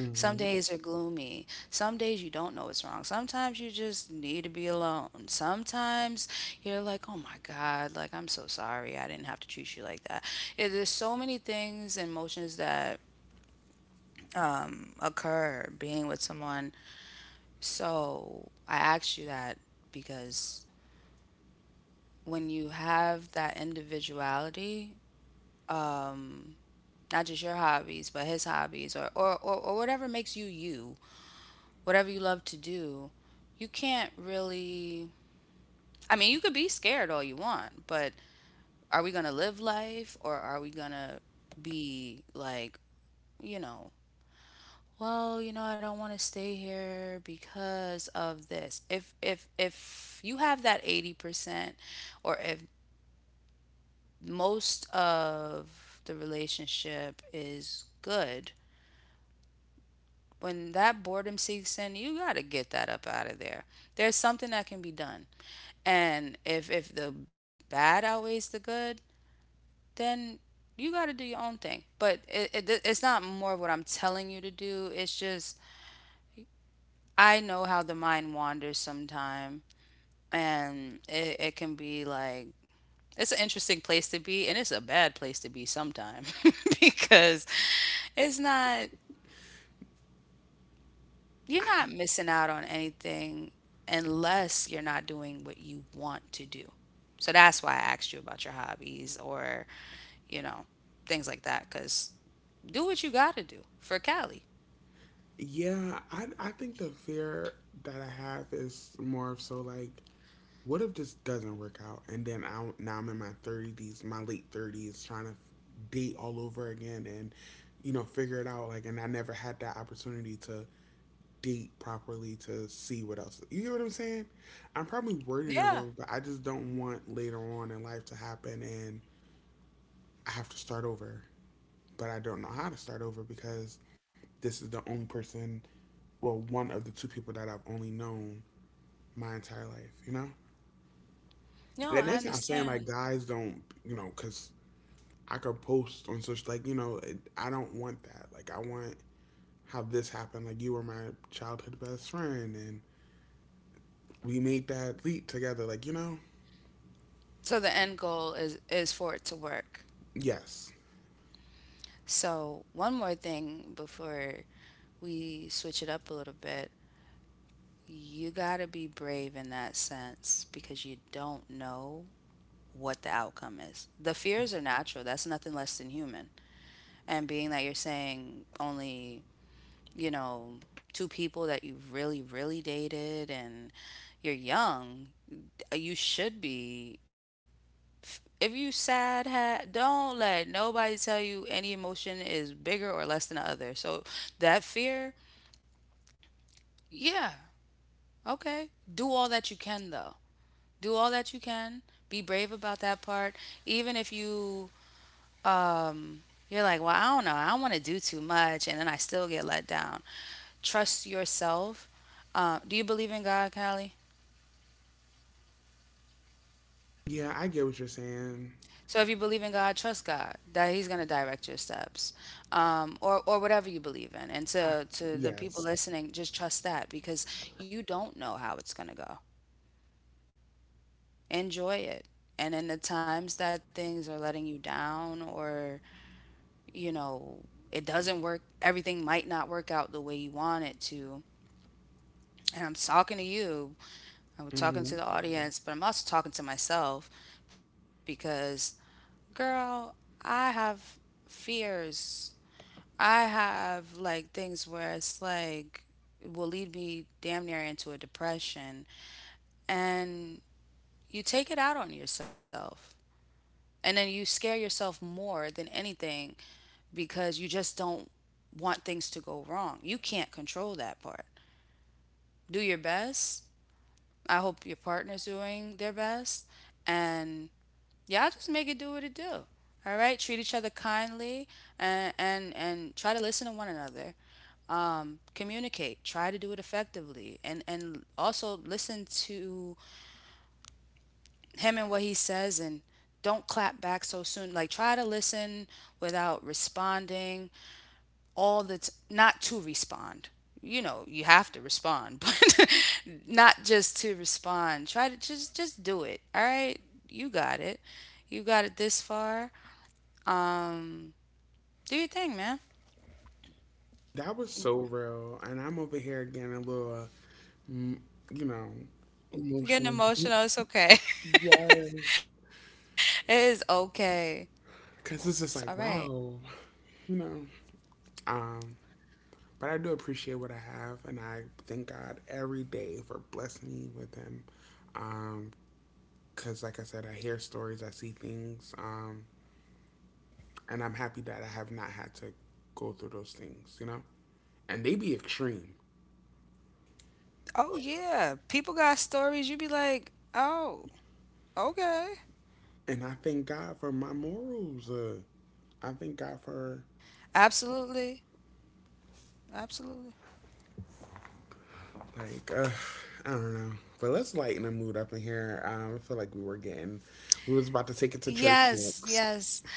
B: Some days are gloomy. Some days you don't know what's wrong. Sometimes you just need to be alone. Sometimes you're like, oh my God, like, I'm so sorry. I didn't have to treat you like that. Yeah, there's so many things and emotions that occur being with someone. So I asked you that because when you have that individuality um not just your hobbies but his hobbies or whatever makes you you, whatever you love to do, you can't really, I mean, you could be scared all you want, but are we gonna live life or are we gonna be like, you know, well, you know, I don't want to stay here because of this. If you have that 80% or if most of the relationship is good, when that boredom seeks in, you got to get that up out of there. There's something that can be done. And if the bad outweighs the good, then you got to do your own thing. But it's not more of what I'm telling you to do. It's just I know how the mind wanders sometime, and it can be like, it's an interesting place to be, and it's a bad place to be sometime because it's not you're not missing out on anything unless you're not doing what you want to do. So that's why I asked you about your hobbies or, you know, things like that. Cause do what you gotta do for Cali.
A: Yeah, I think the fear that I have is more of so like, what if this doesn't work out? And then I— now I'm in my thirties, my late 30s, trying to date all over again, and you know, figure it out. Like, and I never had that opportunity to date properly to see what else. You get what I'm saying? I'm probably wording
B: Yeah.
A: it wrong, but I just don't want later on in life to happen, and I have to start over. But I don't know how to start over because this is the only person— well, one of the two people that I've only known my entire life, you know?
B: No, I
A: And that's not saying
B: understand.
A: like guys don't, you know, because I could post on social like, you know, it, I don't want that. Like, I want how this happened. Like, you were my childhood best friend and we made that leap together. Like, you know?
B: So the end goal is for it to work.
A: Yes.
B: So one more thing before we switch it up a little bit. You gotta be brave in that sense because you don't know what the outcome is. The fears are natural. That's nothing less than human. And being that you're saying only, you know, two people that you really, really dated and you're young, you should be. If you sad, ha- don't let nobody tell you any emotion is bigger or less than the other. So that fear, yeah, okay. Do all that you can though. Do all that you can. Be brave about that part. Even if you um, you're like, well, I don't know. I don't want to do too much. And then I still get let down. Trust yourself. Do you believe in God, Callie?
A: Yeah, I get what you're saying.
B: So if you believe in God, trust God that He's going to direct your steps, or whatever you believe in. And
A: I,
B: to the
A: yes.
B: people listening, just trust that because you don't know how it's going to go. Enjoy it, and in the times that things are letting you down, or you know it doesn't work, everything might not work out the way you want it to. And I'm talking to you. I'm talking to the
A: hmm
B: audience, but I'm also talking to myself because, girl, I have fears. I have like things where it's like it will lead me damn near into a depression. And you take it out on yourself. And then you scare yourself more than anything because you just don't want things to go wrong. You can't control that part. Do your best, I hope your partner's doing their best. And y'all just make it do what it do. All right. Treat each other kindly and try to listen to one another. Communicate. Try to do it effectively. And also listen to him and what he says and don't clap back so soon. Like try to listen without responding not to respond. You know, you have to respond, but not just to respond. Try to just do it. All right, you got it. You got it this far. Do your thing, man.
A: That was so real. And I'm over here getting a little, mm, you know,
B: Getting
A: emotional.
B: emotional, it's okay.
A: Yes.
B: It is okay. It's all
A: Because it's
B: right.
A: just like, wow. You know. Um, but I do appreciate what I have, and I thank God every day for blessing me with him. Um, Cause like I said, I hear stories, I see things, and I'm happy that I have not had to go through those things, you know. And they be extreme,
B: Oh yeah, people got stories. You be like, oh, okay,
A: and I thank God for my morals. I thank God for
B: absolutely, absolutely.
A: like, I don't know. But let's lighten the mood up in here. I feel like we were getting— we was about to take it to
B: Yes,
A: church
B: yes.
A: next.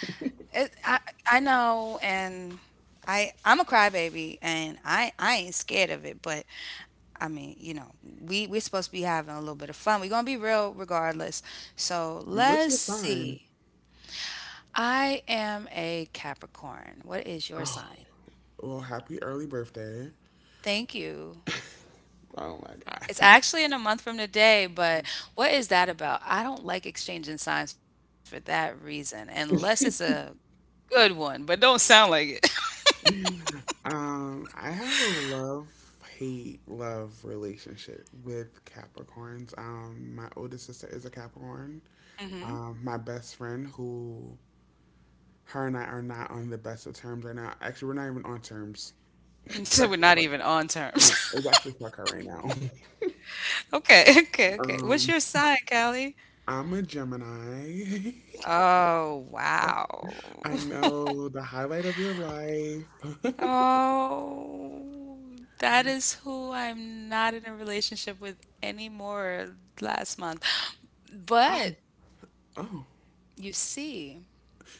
B: It, I know, and I'm a crybaby, and I ain't scared of it. But I mean, you know, we're supposed to be having a little bit of fun. We're gonna be real regardless. So
A: What's
B: let's
A: your sign?
B: see. I am a Capricorn. What is your sign?
A: Oh, well, happy early birthday.
B: Thank you.
A: Oh my
B: It's
A: God.
B: actually in a month from today, but what is that about? I don't like exchanging signs for that reason, unless it's a good one, but don't sound like it.
A: I have a love hate love relationship with Capricorns. My oldest sister is a Capricorn.
B: Hmm.
A: My best friend, who— her and I are not on the best of terms right now. Actually, we're not even on terms. It's
B: So we're
A: actually
B: not
A: fuck.
B: even on terms.
A: Yeah, it's actually fuck her right now.
B: Okay, okay, okay. What's
A: Um,
B: your sign, Callie?
A: I'm a Gemini.
B: Oh, wow.
A: I know, the highlight of your life.
B: Oh, that is who I'm not in a relationship with anymore last month. But you see,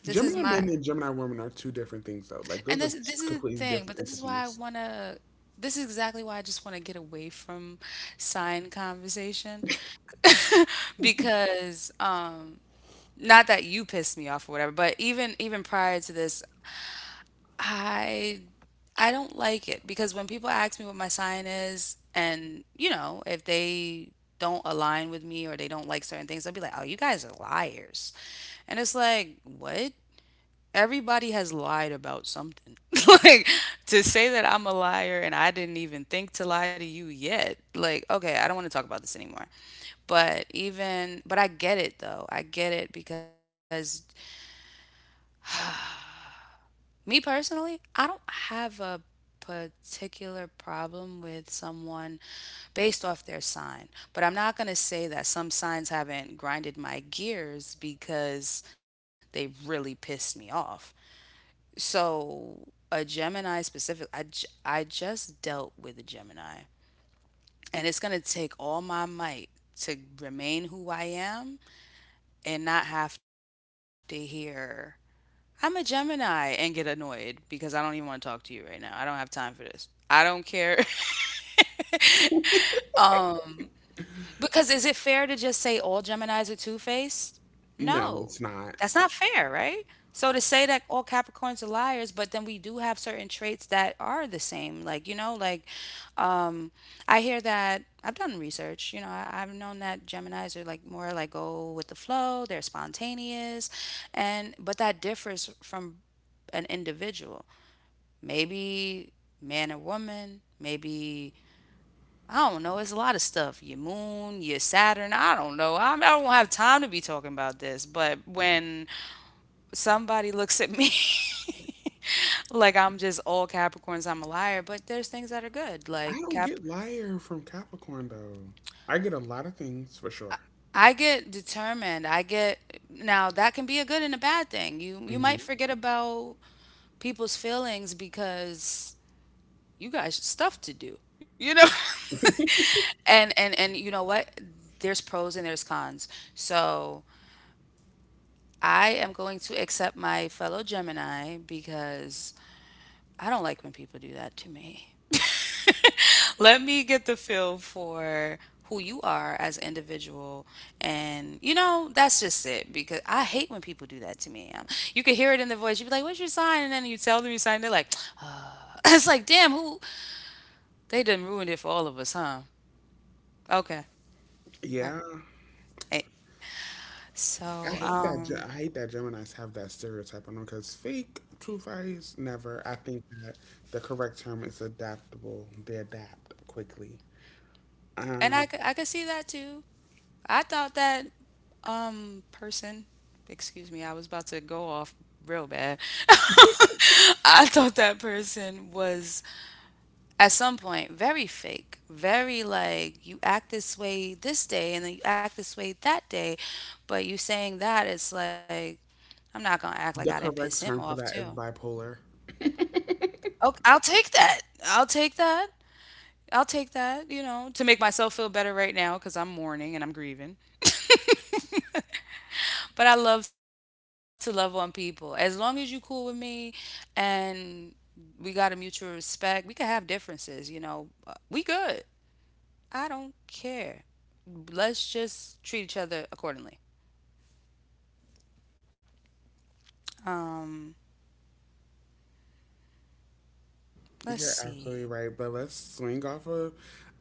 B: this is
A: Gemini
B: my
A: men and Gemini women are two different things, though. Like,
B: and
A: those are
B: this this is the
A: completely
B: thing, but
A: different entities.
B: this is exactly why I just wanna get away from sign conversation because not that you pissed me off or whatever, but even prior to this, I I don't like it because when people ask me what my sign is and you know, if they don't align with me or they don't like certain things, they'll be like, "Oh, you guys are liars." And it's like, "What? Everybody has lied about something." Like to say that I'm a liar and I didn't even think to lie to you yet. Like, okay, I don't want to talk about this anymore. But even but I get it though. I get it because me personally, I don't have a particular problem with someone based off their sign, but I'm not going to say that some signs haven't grinded my gears because they really pissed me off. So, a Gemini specific, I just dealt with a Gemini, and it's going to take all my might to remain who I am and not have to hear I'm a Gemini and get annoyed because I don't even want to talk to you right now. I don't have time for this. I don't care. Because is it fair to just say all Geminis are two-faced? No.
A: No, it's
B: That's
A: not.
B: not fair, right? So to say that all Capricorns are liars, but then we do have certain traits that are the same. Like, you know, like um I hear that I've done research, you know, I've known that Geminis are like more like go with the flow, they're spontaneous, and but that differs from an individual. Maybe man and woman, maybe I don't know. It's a lot of stuff. Your moon, your Saturn. I don't know. I don't have time to be talking about this. But when somebody looks at me like I'm just all Capricorns, I'm a liar. But there's things that are good.
A: I
B: Like
A: don't
B: Cap,
A: get liar from Capricorn though. I get a lot of things for sure.
B: I get determined. I get now that can be a good and a bad thing. You might
A: hmm
B: forget about people's feelings because you got stuff to do, you know? And you know what? There's pros and there's cons. So I am going to accept my fellow Gemini because I don't like when people do that to me. Let me get the feel for who you are as an individual and you know that's just it because I hate when people do that to me. You can hear it in the voice. You'd be like, what's your sign? And then you tell them your sign, they're like, uh. It's like, damn, who they done ruined it for all of us, huh? Okay.
A: Yeah,
B: Eh,
A: I
B: so,
A: hate that. I hate that Geminis have that stereotype on them because fake, true face, never. I think that the correct term is adaptable. They adapt quickly.
B: and
A: Um,
B: I could see that too. I thought that person, excuse me, I was about to go off real bad. I thought that person was at some point very fake, very like you act this way this day and then you act this way that day, but you saying that it's like I'm not gonna act like I
A: the
B: didn't piss him
A: correct term
B: off
A: for that
B: too.
A: is bipolar.
B: Oh, I'll take that. I'll take that. I'll take that, you know, to make myself feel better right now because I'm mourning and I'm grieving. But I love to love on people. As long as you cool with me and we got a mutual respect, we can have differences, you know. We good. I don't care. Let's just treat each other accordingly. Um, let's
A: You're
B: see.
A: absolutely right, but let's swing off of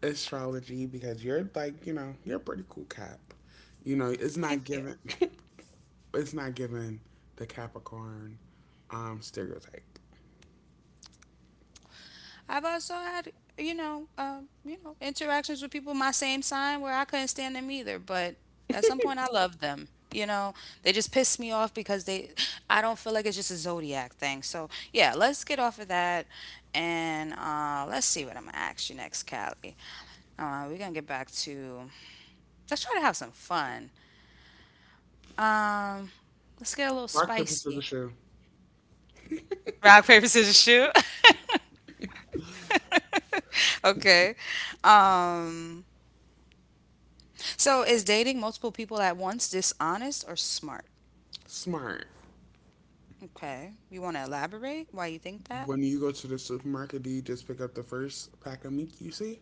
A: astrology because you're like, you know, you're a pretty cool cap. You know, it's not
B: Thank you.
A: given it's not given the Capricorn stereotype.
B: I've also had, you know, interactions with people my same sign where I couldn't stand them either, but at some point I loved them. You know, they just piss me off because they I don't feel like it's just a zodiac thing. So, yeah, let's get off of that and let's see what I'm going to ask you next, Callie. We're going to get back to let's try to have some fun. Um let's get a little
A: Rock, paper,
B: spicy.
A: scissors, shoe.
B: Rock paper scissors shoot. Okay. Um So, is dating multiple people at once dishonest or smart?
A: Smart.
B: Okay. You want to elaborate why you think that?
A: When you go to the supermarket, do you just pick up the first pack of meat you see?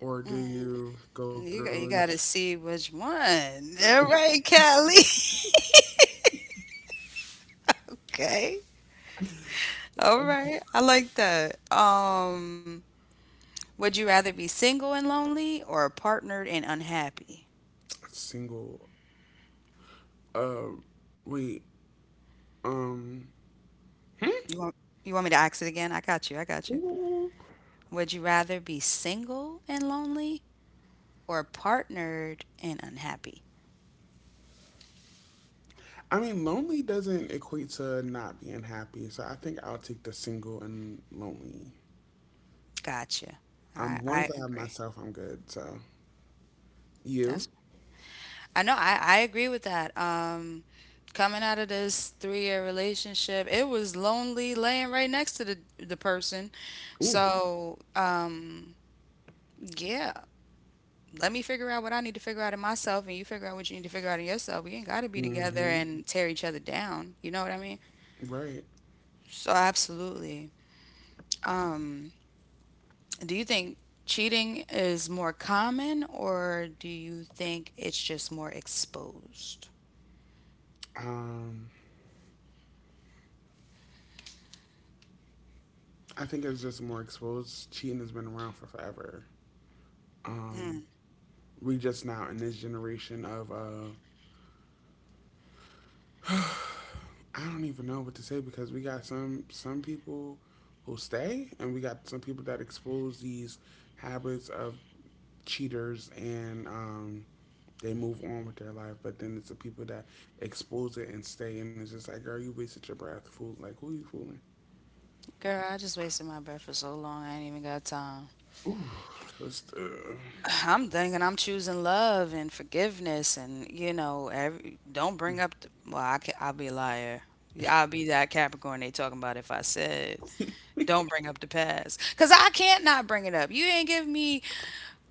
A: Or do you go through
B: You
A: and—
B: got to see which one. All right, Callie. Okay. All right. I like that. Would you rather be single and lonely or partnered and unhappy?
A: single, uh wait, um hmm?
B: You want you want me to ask it again? I got you. I got you. Would you rather be single and lonely or partnered and unhappy?
A: I mean, lonely doesn't equate to not being happy, so I think I'll take the single and lonely.
B: Gotcha.
A: As long
B: I
A: as I have
B: agree.
A: myself, I'm good. So, you,
B: That's I agree with that. Coming out of this 3 year relationship, it was lonely laying right next to the person.
A: ooh,
B: So yeah, let me figure out what I need to figure out in myself, and you figure out what you need to figure out in yourself. We ain't got to be together
A: mm-hmm,
B: and tear each other down. You know what I mean?
A: right.
B: So absolutely. Um, do you think cheating is more common, or do you think it's just more exposed?
A: Um, I think it's just more exposed. Cheating has been around for forever. Um, we just now in this generation of I don't even know what to say because we got some people who stay, and we got some people that expose these habits of cheaters, and they move on with their life, but then it's the people that expose it and stay, and it's just like, girl, you wasted your breath, fool. Like, who are you fooling?
B: Girl, I just wasted my breath for so long. I ain't even got time.
A: Ooh, just,
B: I'm thinking I'm choosing love and forgiveness and you know every, don't bring up the, well I can, I'll be a liar. Yeah, I'll be that Capricorn they talking about if I said don't bring up the past cuz I can't not bring it up. You ain't give me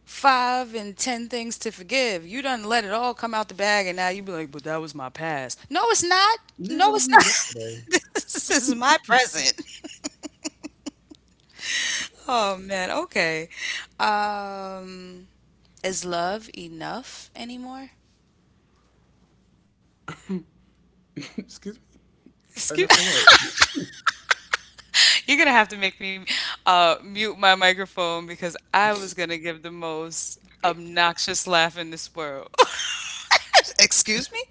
B: 5 and 10 things to forgive. You done let it all come out the bag and now you be like but that was my past. No it's not.
A: yeah, that
B: No
A: was
B: it's
A: you yesterday.
B: not. This is my present. Oh man, okay. Um is love enough anymore?
A: Excuse me. Enough
B: Excuse
A: of what?
B: you're gonna have to make me mute my microphone because I was gonna give the most obnoxious laugh in this world. Excuse me?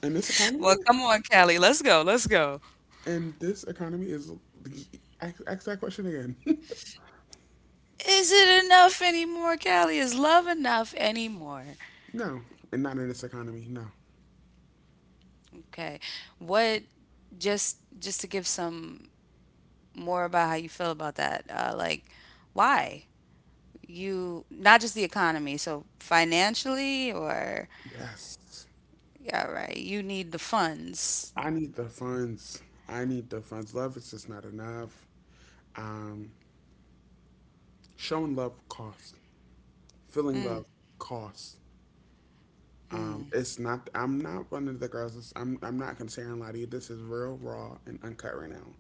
A: In this
B: Well, come
A: economy,
B: on, Callie. Let's go. Let's go.
A: and this economy is— ask that question again.
B: Is it enough anymore, Callie? Is love enough anymore?
A: No, and not in this economy. No.
B: Okay. What? Just to give some more about how you feel about that. Like, why you not just the economy, so financially or
A: Yes,
B: yeah, right. You need the funds.
A: I need the funds. I need the funds. Love is just not enough. Um, showing love costs. Feeling love costs. It's not. I'm not one of the girls. That's, I'm. I'm not considering lie to you. This is real, raw, and uncut right now.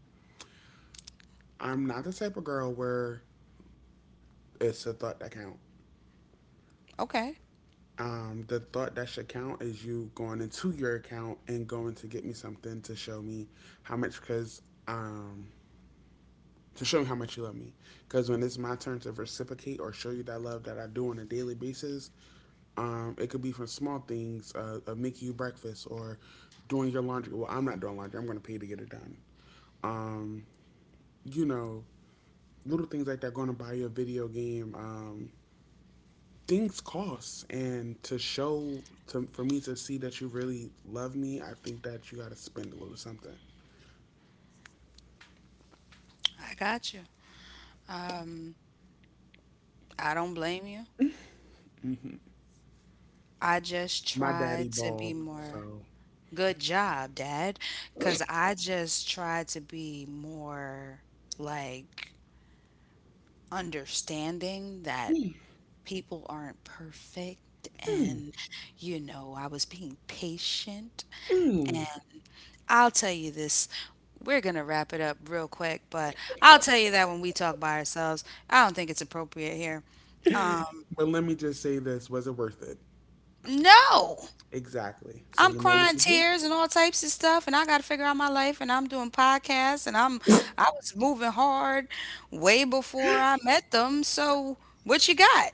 A: I'm not the type of girl where it's the thought that count.
B: Okay.
A: The thought that should count is you going into your account and going to get me something to show me how much, cause to show me how much you love me. Cause when it's my turn to reciprocate or show you that love that I do on a daily basis, it could be from small things, of making you breakfast or doing your laundry. Well, I'm not doing laundry. I'm going to pay to get it done. Um, you know, little things like that. Going to buy you a video game, things cost, and to show to for me to see that you really love me, I think that you got to spend a little something.
B: I got you. I don't blame you. I just
A: My
B: tried
A: daddy
B: to be
A: balled,
B: more.
A: so.
B: Good job, Dad. Because I just tried to be more like understanding that people aren't perfect. And, you know, I was being patient. And I'll tell you this. We're going to wrap it up real quick, but I'll tell you that when we talk by ourselves, I don't think it's appropriate here.
A: But let me just say this: was it worth it?
B: No!
A: Exactly. So
B: I'm
A: you know what
B: crying
A: you do?
B: tears and all types of stuff, and I got to figure out my life. And I'm doing podcasts, and I'm I was moving hard way before I met them. So what you got?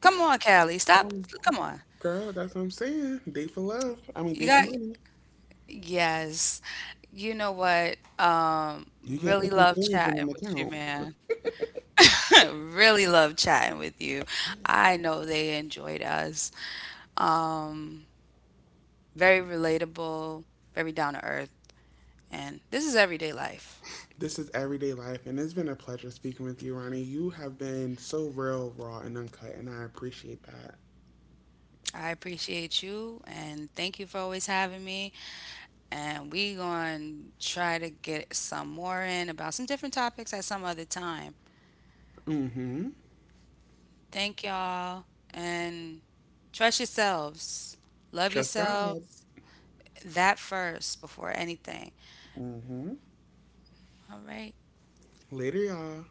B: Come on, Callie, stop.
A: Oh,
B: Come on,
A: girl, that's what I'm saying. Date for love. I mean,
B: you
A: date for
B: got
A: money.
B: yes. You know what?
A: You can't
B: Really
A: put them
B: love
A: feelings in
B: chatting
A: an
B: with you,
A: account.
B: man. Really love chatting with you. I know they enjoyed us. Very relatable, very down to earth, and this is everyday life.
A: This is everyday life, and it's been a pleasure speaking with you, Ronnie. You have been so real, raw, and uncut, and I appreciate that.
B: I appreciate you and thank you for always having me. And we going to try to get some more in about some different topics at some other time.
A: Mm hmm.
B: Thank y'all and trust yourselves. Love
A: Trust God.
B: yourselves. That first before anything. All right.
A: Later, y'all.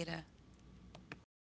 B: Later.